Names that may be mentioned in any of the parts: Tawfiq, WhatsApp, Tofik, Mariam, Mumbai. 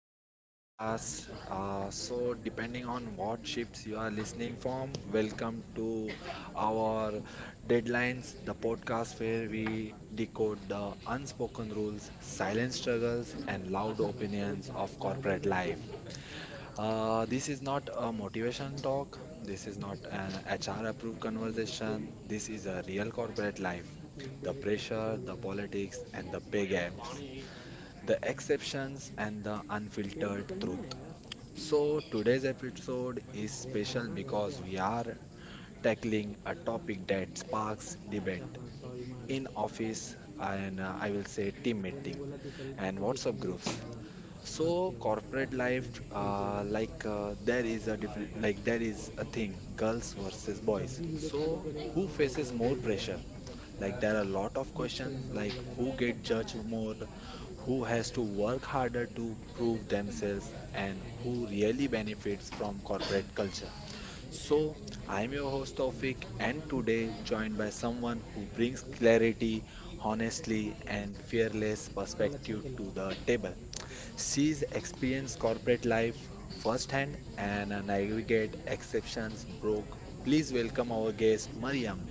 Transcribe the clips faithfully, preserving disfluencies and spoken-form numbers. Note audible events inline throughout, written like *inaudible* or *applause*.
my podcast. Uh, so, depending on what shifts you are listening from, welcome to our deadlines, the podcast where we decode the unspoken rules, silent struggles, and loud opinions of corporate life. Uh, this is not a motivation talk, this is not an H R approved conversation, this is a real corporate life, the pressure, the politics, and the pay gaps, the exceptions and the unfiltered truth. So, today's episode is special because we are tackling a topic that sparks debate in office and uh, I will say team meeting and WhatsApp groups. So, corporate life, uh, like uh, there is a different, like there is a thing, girls versus boys. So, who faces more pressure? Like there are a lot of questions like who get judged more, who has to work harder to prove themselves, and who really benefits from corporate culture. So, I'm your host Tofik and today joined by someone who brings clarity, honestly and fearless perspective to the table. She's experienced corporate life firsthand and uh, navigate exceptions broke. Please welcome our guest Mariam.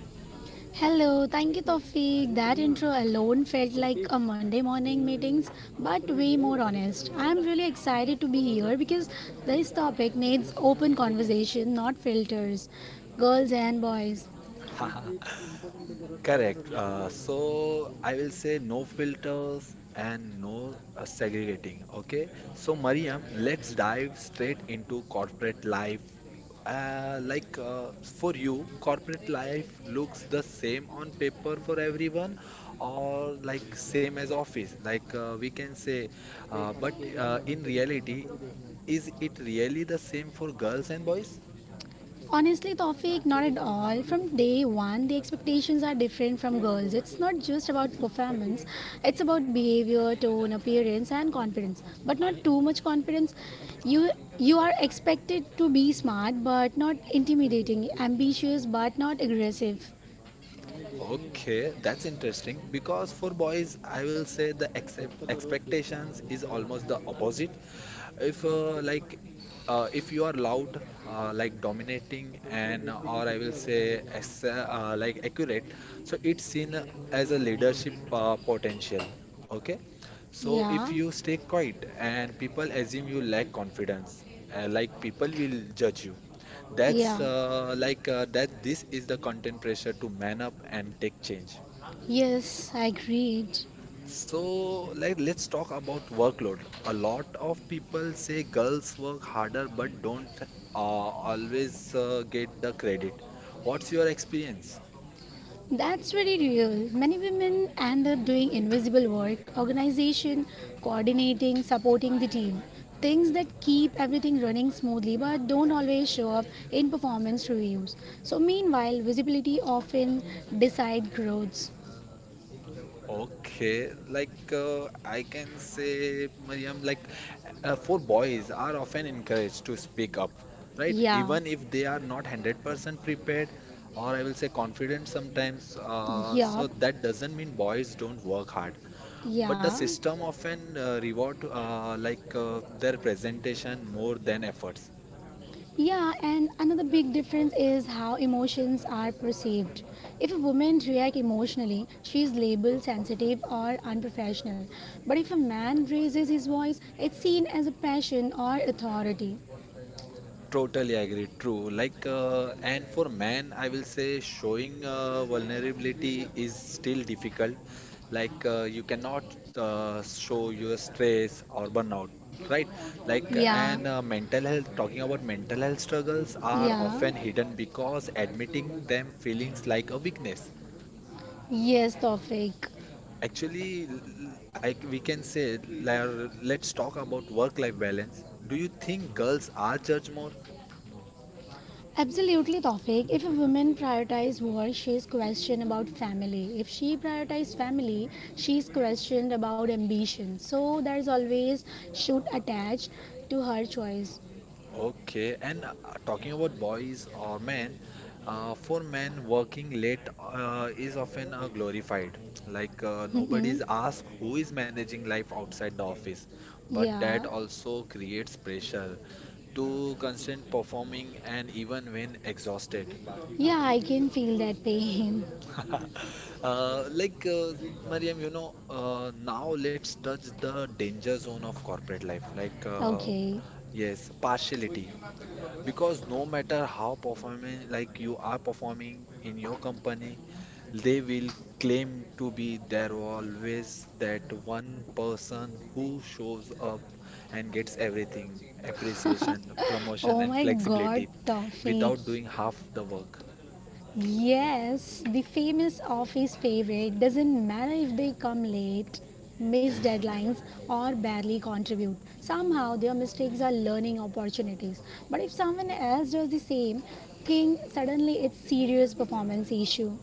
Hello, thank you, Tawfiq. That intro alone felt like a Monday morning meetings, but way more honest. I'm really excited to be here because this topic needs open conversation, not filters. Girls and boys. *laughs* Correct. Uh, so I will say no filters and no uh, segregating. Okay. So Mariam, let's dive straight into corporate life. Uh, like uh, for you, corporate life looks the same on paper for everyone, or like same as office. Like uh, we can say, uh, but uh, in reality, is it really the same for girls and boys? Honestly, Tawfiq, not at all. From day one, the expectations are different from girls. It's not just about performance, it's about behavior, tone, appearance, and confidence. But not too much confidence. You you are expected to be smart but not intimidating, ambitious but not aggressive. Okay, that's interesting because for boys, I will say the accept expectations is almost the opposite. If uh, like uh, if you are loud, uh, like dominating and or I will say ex uh, like accurate, so it's seen as a leadership uh, potential. Okay. So Yeah, if you stay quiet and people assume you lack confidence, uh, like people will judge you. That's yeah. uh, like uh, that. This is the content pressure to man up and take change. Yes, I agreed. So, like, let's talk about workload. A lot of people say girls work harder but don't uh, always uh, get the credit. What's your experience? That's very real. Many women end up doing invisible work, organization, coordinating, supporting the team. Things that keep everything running smoothly but don't always show up in performance reviews. So, meanwhile, visibility often decide growths. Okay, like uh, I can say, Mariam, like uh, for boys are often encouraged to speak up, right? Yeah, Even if they are not one hundred percent prepared, or I will say confident sometimes. Uh, yeah, So that doesn't mean boys don't work hard. But the yeah. system often uh, reward uh, like uh, their presentation more than efforts. Yeah, and another big difference is how emotions are perceived. If a woman reacts emotionally, she is labeled sensitive or unprofessional. But if a man raises his voice, it's seen as a passion or authority. Totally agree. True. Like uh, and for men, I will say showing uh, vulnerability is still difficult. Like uh, you cannot uh, show your stress or burnout, right? Like uh, Yeah, and uh, Mental health. Talking about mental health struggles are yeah, often hidden because admitting them feelings like a weakness. yes, Tawfiq. Actually, l- l- I, we can say, la- let's talk about work-life balance. Do you think girls are judged more? Absolutely, Tawfiq. If a woman prioritizes work, she is questioned about family. If she prioritizes family, she is questioned about ambition. So there is always should attach to her choice. Okay, and uh, talking about boys or men, uh, for men, working late uh, is often uh, glorified. Like uh, Mm-hmm. Nobody's asked who is managing life outside the office, but that Yeah. also creates pressure to constant performing and even when exhausted. Yeah, I can feel that pain. *laughs* Uh, like uh, Mariam, you know, uh, now let's touch the danger zone of corporate life. Like, uh, Okay. yes, partiality. Because no matter how performing, like you are performing in your company, they will claim to be there always that one person who shows up and gets everything, appreciation, promotion, Oh and my god, flexibility Tawfiq. without doing half the work. Yes, the famous office favorite doesn't matter if they come late, miss deadlines, or barely contribute. Somehow their mistakes are learning opportunities. But if someone else does the same thing, suddenly it's serious performance issue.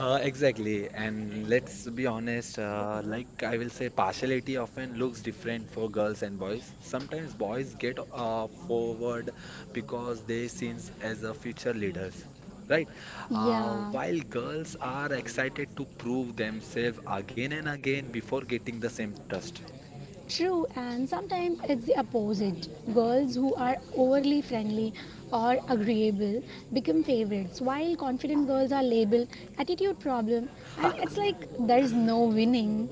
Uh, exactly. And let's be honest, uh, like I will say, partiality often looks different for girls and boys. Sometimes boys get uh, forward because they seen as a future leaders, right? Uh, Yeah. While girls are excited to prove themselves again and again before getting the same trust. True, and sometimes it's the opposite. Girls who are overly friendly or agreeable become favorites, while confident girls are labeled attitude problem, and it's like there is no winning.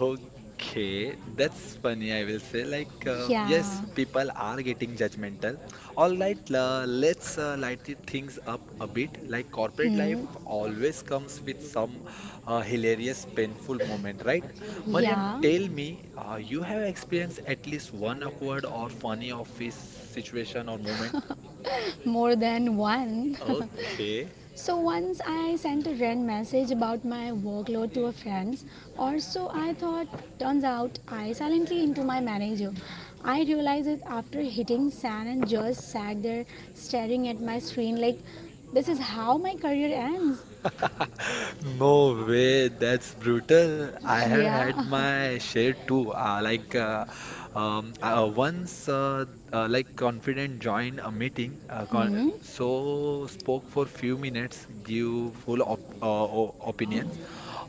Okay, that's funny, I will say. Like, uh, yes, Yeah, people are getting judgmental. All right, uh, let's uh, lighten things up a bit. Like, corporate hmm, life always comes with some uh, hilarious, painful moment, right? Mariam, yeah, tell me, uh, you have experienced at least one awkward or funny office situation or moment? *laughs* more than one. Okay. *laughs* So once I sent a rant message about my workload to a friend, or so I thought. Turns out I silently into my manager. I realized it after hitting sand and just sat there staring at my screen like this is how my career ends. *laughs* No way, that's brutal. I have had Yeah. *laughs* my share too. Uh, like uh, um, uh, once, uh, uh, like confident joined a meeting, uh, con Hmm. so spoke for few minutes, give full op uh, o- opinions,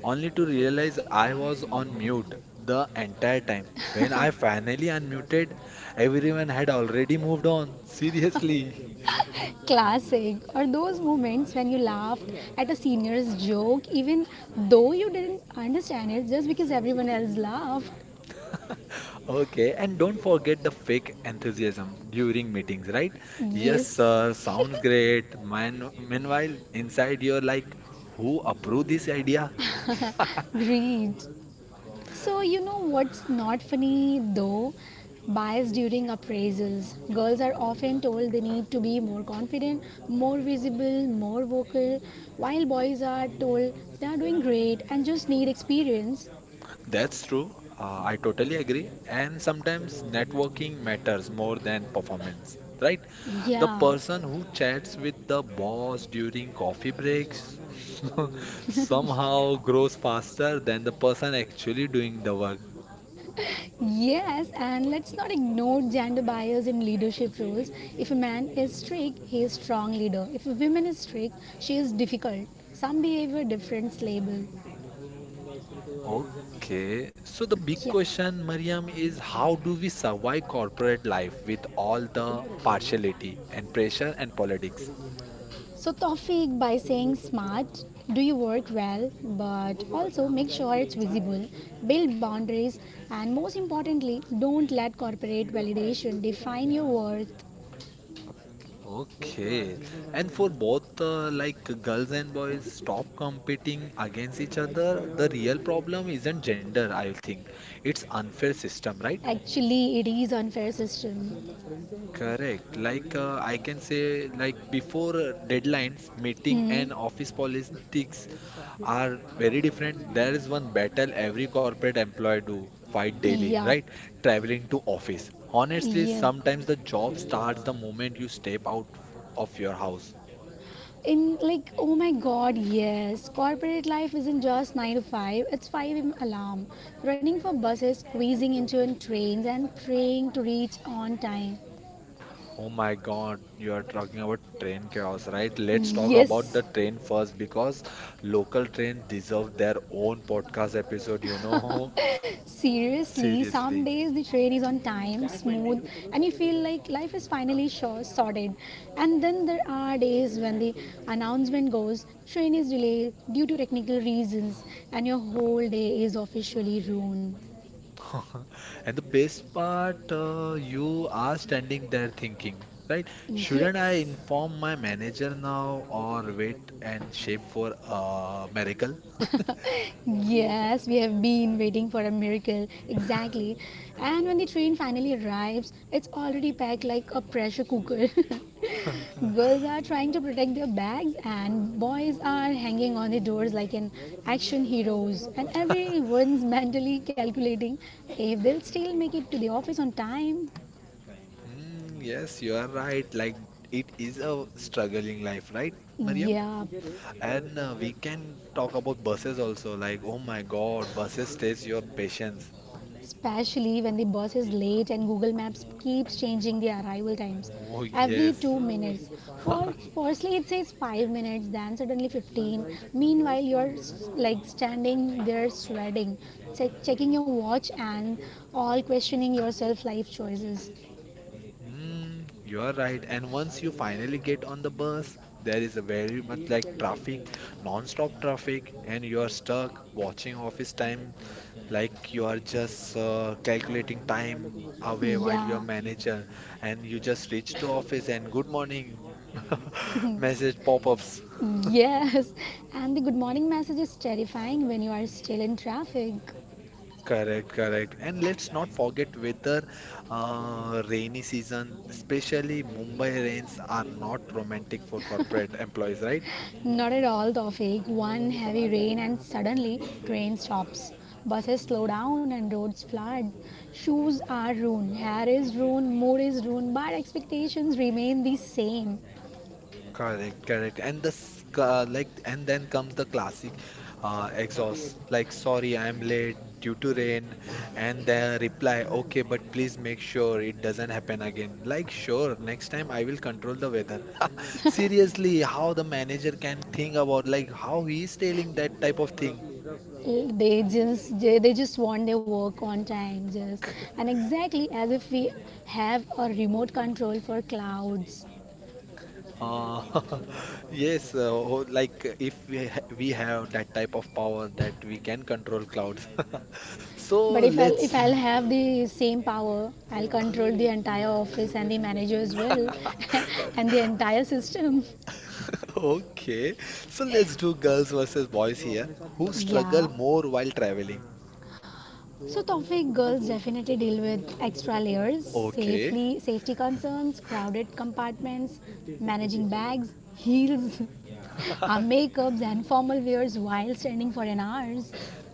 only to realize I was on mute the entire time. When I finally unmuted, everyone had already moved on. *laughs* Seriously. *laughs* Classic. Or those moments when you laughed at a senior's joke even though you didn't understand it just because everyone else laughed. Okay, and don't forget the fake enthusiasm during meetings, right? Yes, Yes. sir, sounds great. Man, meanwhile, inside you're like, who approved this idea? *laughs* *laughs* Great. So, you know what's not funny though? Bias during appraisals. Girls are often told they need to be more confident, more visible, more vocal, while boys are told they are doing great and just need experience. That's true. Uh, I totally agree. And sometimes networking matters more than performance, right? The Yeah. person who chats with the boss during coffee breaks *laughs* somehow grows faster than the person actually doing the work. Yes, and let's not ignore gender bias in leadership roles. If a man is strict, he is strong leader. If a woman is strict, she is difficult. Some behavior difference label. Okay, so the big Yeah. question, Mariam, is how do we survive corporate life with all the partiality and pressure and politics? So, Tawfiq, by saying smart, do your work well, but also make sure it's visible, build boundaries, and most importantly, don't let corporate validation define your worth. Okay, and for both uh, like girls and boys, stop competing against each other. The real problem isn't gender, I think. It's unfair system, right? Actually, it is unfair system. Correct. Like uh, I can say, like before uh, deadlines, meeting Hmm. and office politics are very different. There is one battle every corporate employee do fight daily, Yup. right? Traveling to office. Honestly, Yep. sometimes the job starts the moment you step out of your house. In like oh my god, yes, corporate life isn't just nine to five, it's five a m alarm, running for buses, squeezing into trains, and praying to reach on time. Oh my God, you are talking about train chaos, right? Let's talk about Yes, the train first because local trains deserve their own podcast episode, you know? *laughs* seriously, some Seriously. days the train is on time, smooth, and you feel like life is finally sure sorted. And then there are days when the announcement goes, train is delayed due to technical reasons, and your whole day is officially ruined. *laughs* And the best part, uh, you are standing there thinking, right? Shouldn't I Yes. inform my manager now or wait and shape for a miracle? Yes, we have been waiting for a miracle, exactly. And when the train finally arrives, it's already packed like a pressure cooker. *laughs* Girls are trying to protect their bags, and boys are hanging on the doors like an action heroes. And everyone's *laughs* mentally calculating if they'll still make it to the office on time. Hmm, yes, you are right. Like it is a struggling life, right, Mariam? Yeah, And uh, we can talk about buses also. Like, oh my God, buses test your patience. especially when the bus is late and Google Maps keeps changing the arrival times Oh every yes. two minutes. For *laughs* firstly it says five minutes, then suddenly fifteen. Meanwhile you're like standing there sweating, check- checking your watch, and all questioning yourself life choices. Mm, you are right. And once you finally get on the bus, there is a very much like traffic, non-stop traffic, and you are stuck watching office time, like you are just uh, calculating time away while your Yeah. manager, and you just reach to office and good morning *laughs* *laughs* message pop-ups. Yes. And the good morning message is terrifying when you are still in traffic. Correct, correct. And let's not forget weather, uh, rainy season, especially Mumbai rains are not romantic for corporate employees, right? Not at all, Tawfiq. One heavy rain and suddenly train stops. Buses slow down and roads flood. Shoes are ruined, hair is ruined, mood is ruined, but expectations remain the same. Correct, correct. And this, uh, like, and then comes the classic uh, exhaust, like, sorry, I'm late due to rain. And the reply, okay, but please make sure it doesn't happen again. Like, sure, next time I will control the weather. *laughs* Seriously, how the manager can think about, like, how he is telling that type of thing. They just they they just want their work on time, just and exactly as if we have a remote control for clouds. Uh, *laughs* yes, uh, ho- like uh, if we ha we have that type of power that we can control clouds. *laughs* So But if I'll let's if I'll have the same power, I'll control the entire office and the manager as well, *laughs* and the entire system. *laughs* Okay, so let's do girls versus boys here. Who struggle Yeah. more while traveling? So Tawfiq, girls definitely deal with extra layers, Okay, safely safety concerns, crowded compartments, managing bags, heels, *laughs* our *laughs* makeups and formal wears while standing for an hours.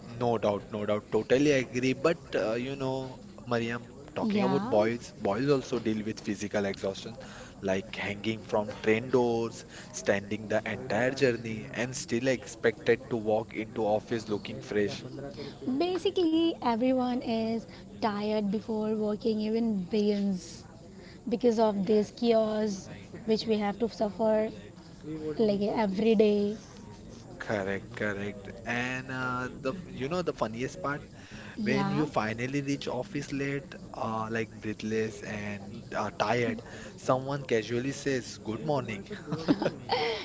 no doubt, no doubt. Totally agree. But uh, you know, Mariam, talking about Yeah. boys, boys also deal with physical exhaustion, like hanging from train doors, standing the entire journey, and still expected to walk into office looking fresh. Basically everyone is tired before working even begins because of this chaos which we have to suffer like every day. Correct, correct. And uh, the you know the funniest part, when Yeah. you finally reach office late, uh, like breathless and uh, tired, someone casually says, good morning.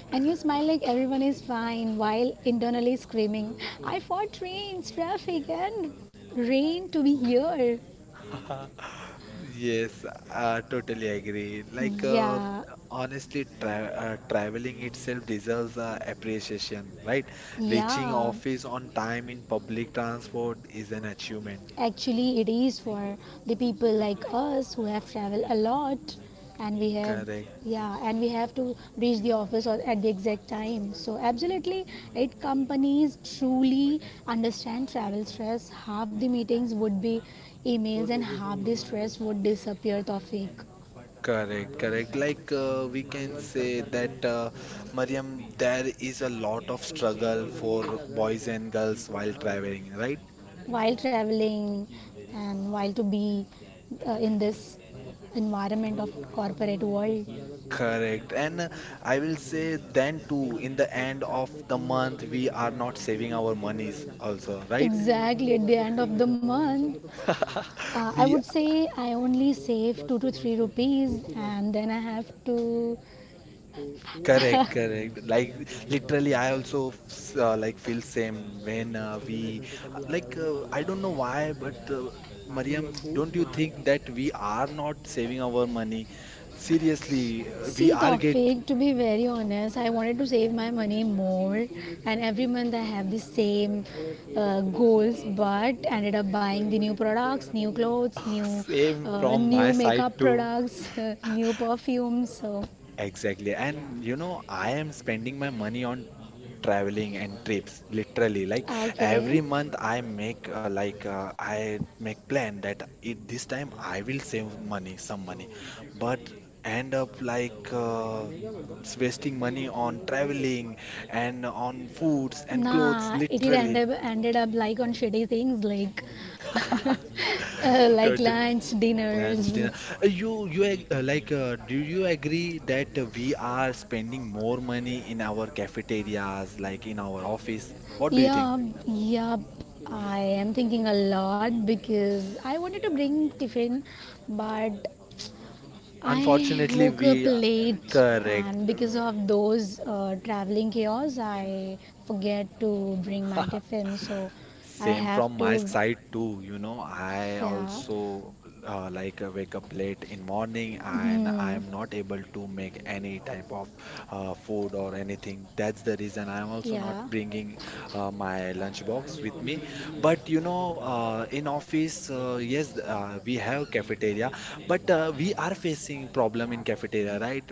And you smile like everyone is fine while internally screaming, I fought trains, traffic, and rain to be here. *laughs* Yes, I totally agree. Like, um, Yeah, honestly, tra uh, traveling itself deserves uh, appreciation, right? Reaching yeah. office on time in public transport is an achievement. Actually, it is for the people like us who have traveled a lot and we have. Correct. Yeah, and we have to reach the office or at the exact time. So, absolutely, it companies truly understand travel stress. Half the meetings would be emails, and half the stress would disappear. Topic. Correct, correct. Like uh, we can say that uh, Mariam, there is a lot of struggle for boys and girls while traveling, right? While traveling and while to be uh, in this environment of corporate world. Correct. And uh, I will say then too, in the end of the month, we are not saving our monies also, right? Exactly at the end of the month, uh, *laughs* I We would say I only save two to three rupees and then I have to. correct, correct. Like literally, I also f- uh, like feel same when uh, we like uh, I don't know why, but uh, Mariam, don't you think that we are not saving our money? Seriously, uh, we See, are get Tawfiq, to be very honest, I wanted to save my money more, and every month I have the same uh, goals, but ended up buying the new products, new clothes, *laughs* new same uh, from my new side makeup too. products, *laughs* new perfumes. So, Exactly, and you know I am spending my money on traveling and trips literally like okay, every month I make uh, like uh, I make plan that it this time I will save money some money but end up like uh, it's wasting money on traveling and on foods and clothes nah, it did end literally up ended up like on shitty things like *laughs* uh, *laughs* like Turtle. lunch, Lunch dinners. dinner. Uh, you you ag- uh, like uh, Do you agree that uh, we are spending more money in our cafeterias like in our office, what do you think? Yeah, yeah, I am thinking a lot because I wanted to bring Tiffin, but I Unfortunately, woke up we uh, late, Correct. and because of those uh, traveling chaos, I forget to bring my *laughs* Tiffin. So I Same have from my to, side too. You know, I yeah, also uh, like uh, wake up late in morning and I hmm, am not able to make any type of uh, food or anything. That's the reason I am also not yeah, bringing uh, my lunch box with me. But you know, uh, in office, uh, yes, uh, we have cafeteria, but uh, we are facing problem in cafeteria, right?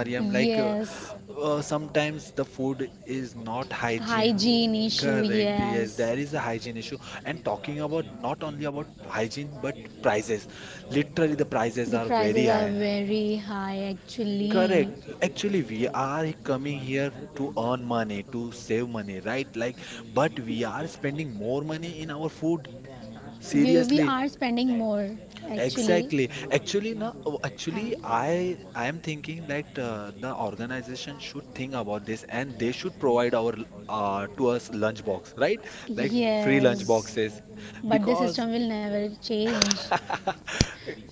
Mariam, like uh, yes, Uh, sometimes the food is not hygiene. hygiene issue, Correct. Yes, yes. there is a hygiene issue. And talking about not only about hygiene but prices. Literally, the prices The are very prices are high. very high actually. Correct. Actually, we are coming here to earn money, to save money, right? Like, but we are spending more money in our food. We, we Seriously. are spending more actually. Exactly. Actually, now, actually, Uh, I I am thinking that uh, the organization should think about this and they should provide our l- uh, to us lunch box, right? Like free lunch yes, boxes, but the because system will never change. *laughs*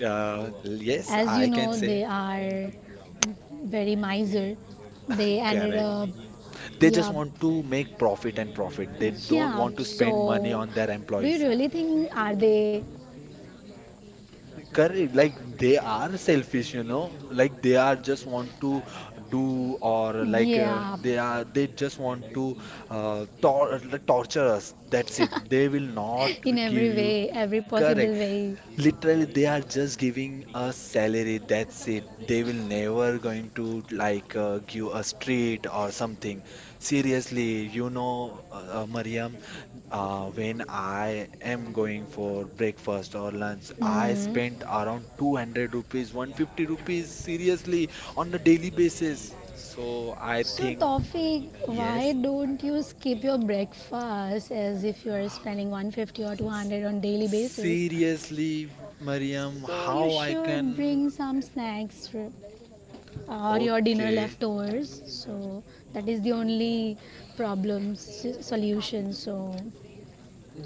uh, yes, As you I can know, they say are very miser. They *laughs* ended correct. up, They just yeah, want to make profit and profit. They don't yeah. want to spend money So, on their do you employees. really think are they, Correct, like they are selfish, you know, like they are just want to do or like uh, yeah? they are they just want to uh, tor torture us. That's it. *laughs* They will not *laughs* In give every you. way, every possible Correct. way. Literally, they are just giving us salary. That's it. They will never going to like uh, give a street or something. Seriously, you know, uh, uh, Mariam, uh, when I am going for breakfast or lunch, I Hmm. spent around two hundred rupees, one hundred fifty rupees seriously on a daily basis. So I So, think, Tawfiq, why yes. don't you skip your breakfast as if you are spending one hundred fifty or two hundred on daily basis? Seriously, Mariam, So, you how I should bring can? some snacks for, or your dinner Okay. leftovers. So, that is the only problem s- solution. So,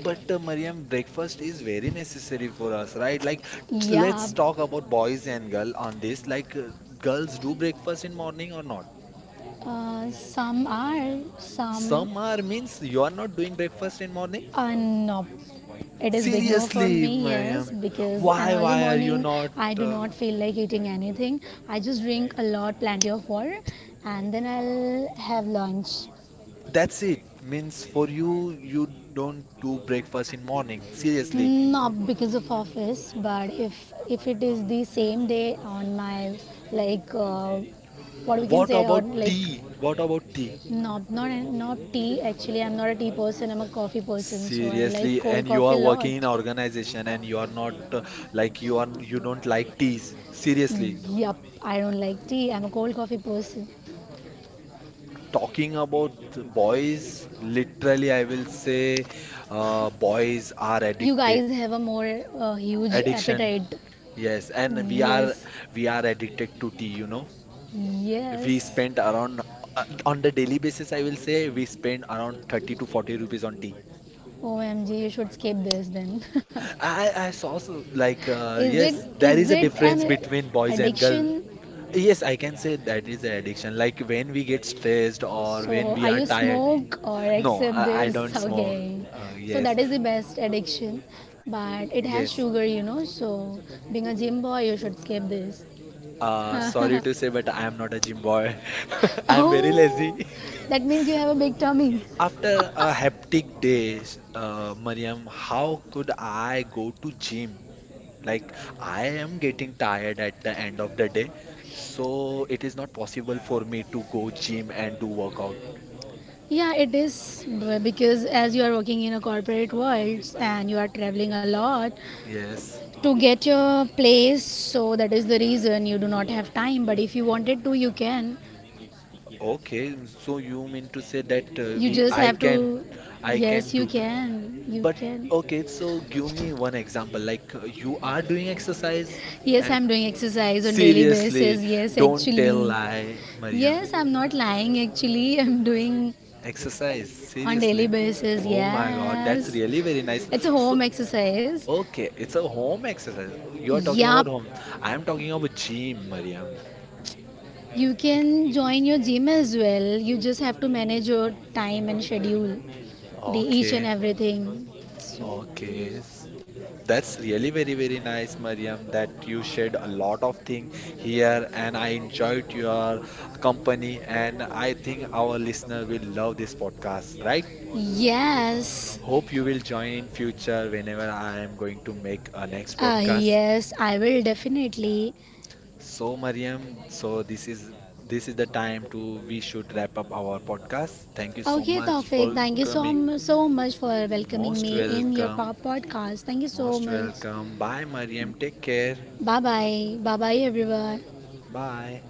But uh, Mariam, breakfast is very necessary for us, right? Like, t- yeah, let's talk about boys and girl on this. Like, uh, girls do breakfast in morning or not? uh, some are, some. Some are means you are not doing breakfast in morning? Uh, no, it is big no for Seriously, me. Yes, Mariam, because an why early why are you morning, not? I do Uh, not feel like eating anything. I just drink a lot, plenty of water, and then I'll have lunch. that's it. Means for you, you don't do breakfast in morning. Seriously. Not because of office, but if if it is the same day on my like uh, what we can What say or about like tea? What about tea? not not not tea. Actually, I'm not a tea person. I'm a coffee person, so I like Seriously, cold and you coffee are a working in lot. organization and you are not uh, like you are you don't like teas. Seriously. Yup, I Uh, don't like tea. I'm a cold coffee person. talking about boys, literally I will say uh, boys are You addicted guys have a more uh, huge addiction. appetite. Yes, and we are Yes. we are addicted to tea, you know. We Yes. spend around uh, on the daily basis I will say we spend around thirty to forty rupees on tea. O M G, you should skip this then. *laughs* I I saw so, like uh, is it yes, there is is a it an difference between boys and addiction? girl. Yes, I can say that is an addiction. Like when we get stressed or So when we are are you tired. smoke or No, I, accept I this? don't *laughs* smoke. Okay. Uh, So yes, that is the best addiction, but it has yes. sugar, you know. So being a gym boy, you should skip this. *laughs* Uh, sorry to say, but I am not a gym boy. *laughs* I'm very Oh, lazy. that means you have a big tummy. *laughs* After a hectic day, s- uh, Mariam, how could I go to gym? Like I am getting tired at the end of the day, so it is not possible for me to go gym and do workout. Yeah, it is because as you are working in a corporate world and you are traveling a lot Yes. to get your place, so that is the reason you do not have time. But if you wanted to, you can. Okay, so you mean to say that uh, You we just I have can to. I Yes, can you do. can. You But can. okay, so give me one example like uh, you are doing exercise Yes, at I'm doing exercise on daily seriously, basis. Yes, don't tell actually. lie, Mariam. Yes, I'm not lying. Actually, *laughs* I'm doing Exercise, on daily seriously. basis. Oh my God, that's Yes, really very nice. it's a So home exercise. okay, it's a home exercise. You're talking Yup. about home. I'm talking about gym, Mariam. You can join your gym as well. You just have to manage your time and schedule the each and Okay, everything. So, okay. That's really very, very nice, Mariam, that you shared a lot of things here and I enjoyed your company and I think our listener will love this podcast, right? yes. Hope you will join in future whenever I am going to make a next Uh, podcast. Yes, I will definitely. So, Mariam, so this is this is the time to we should wrap up our podcast. Thank you so Okay, much Taufik, for thank you so coming. so much for welcoming Most me in your welcome. po- podcast. Thank you so Most much. welcome. Bye, Mariam. Take care. Bye bye. Bye bye, everyone. Bye.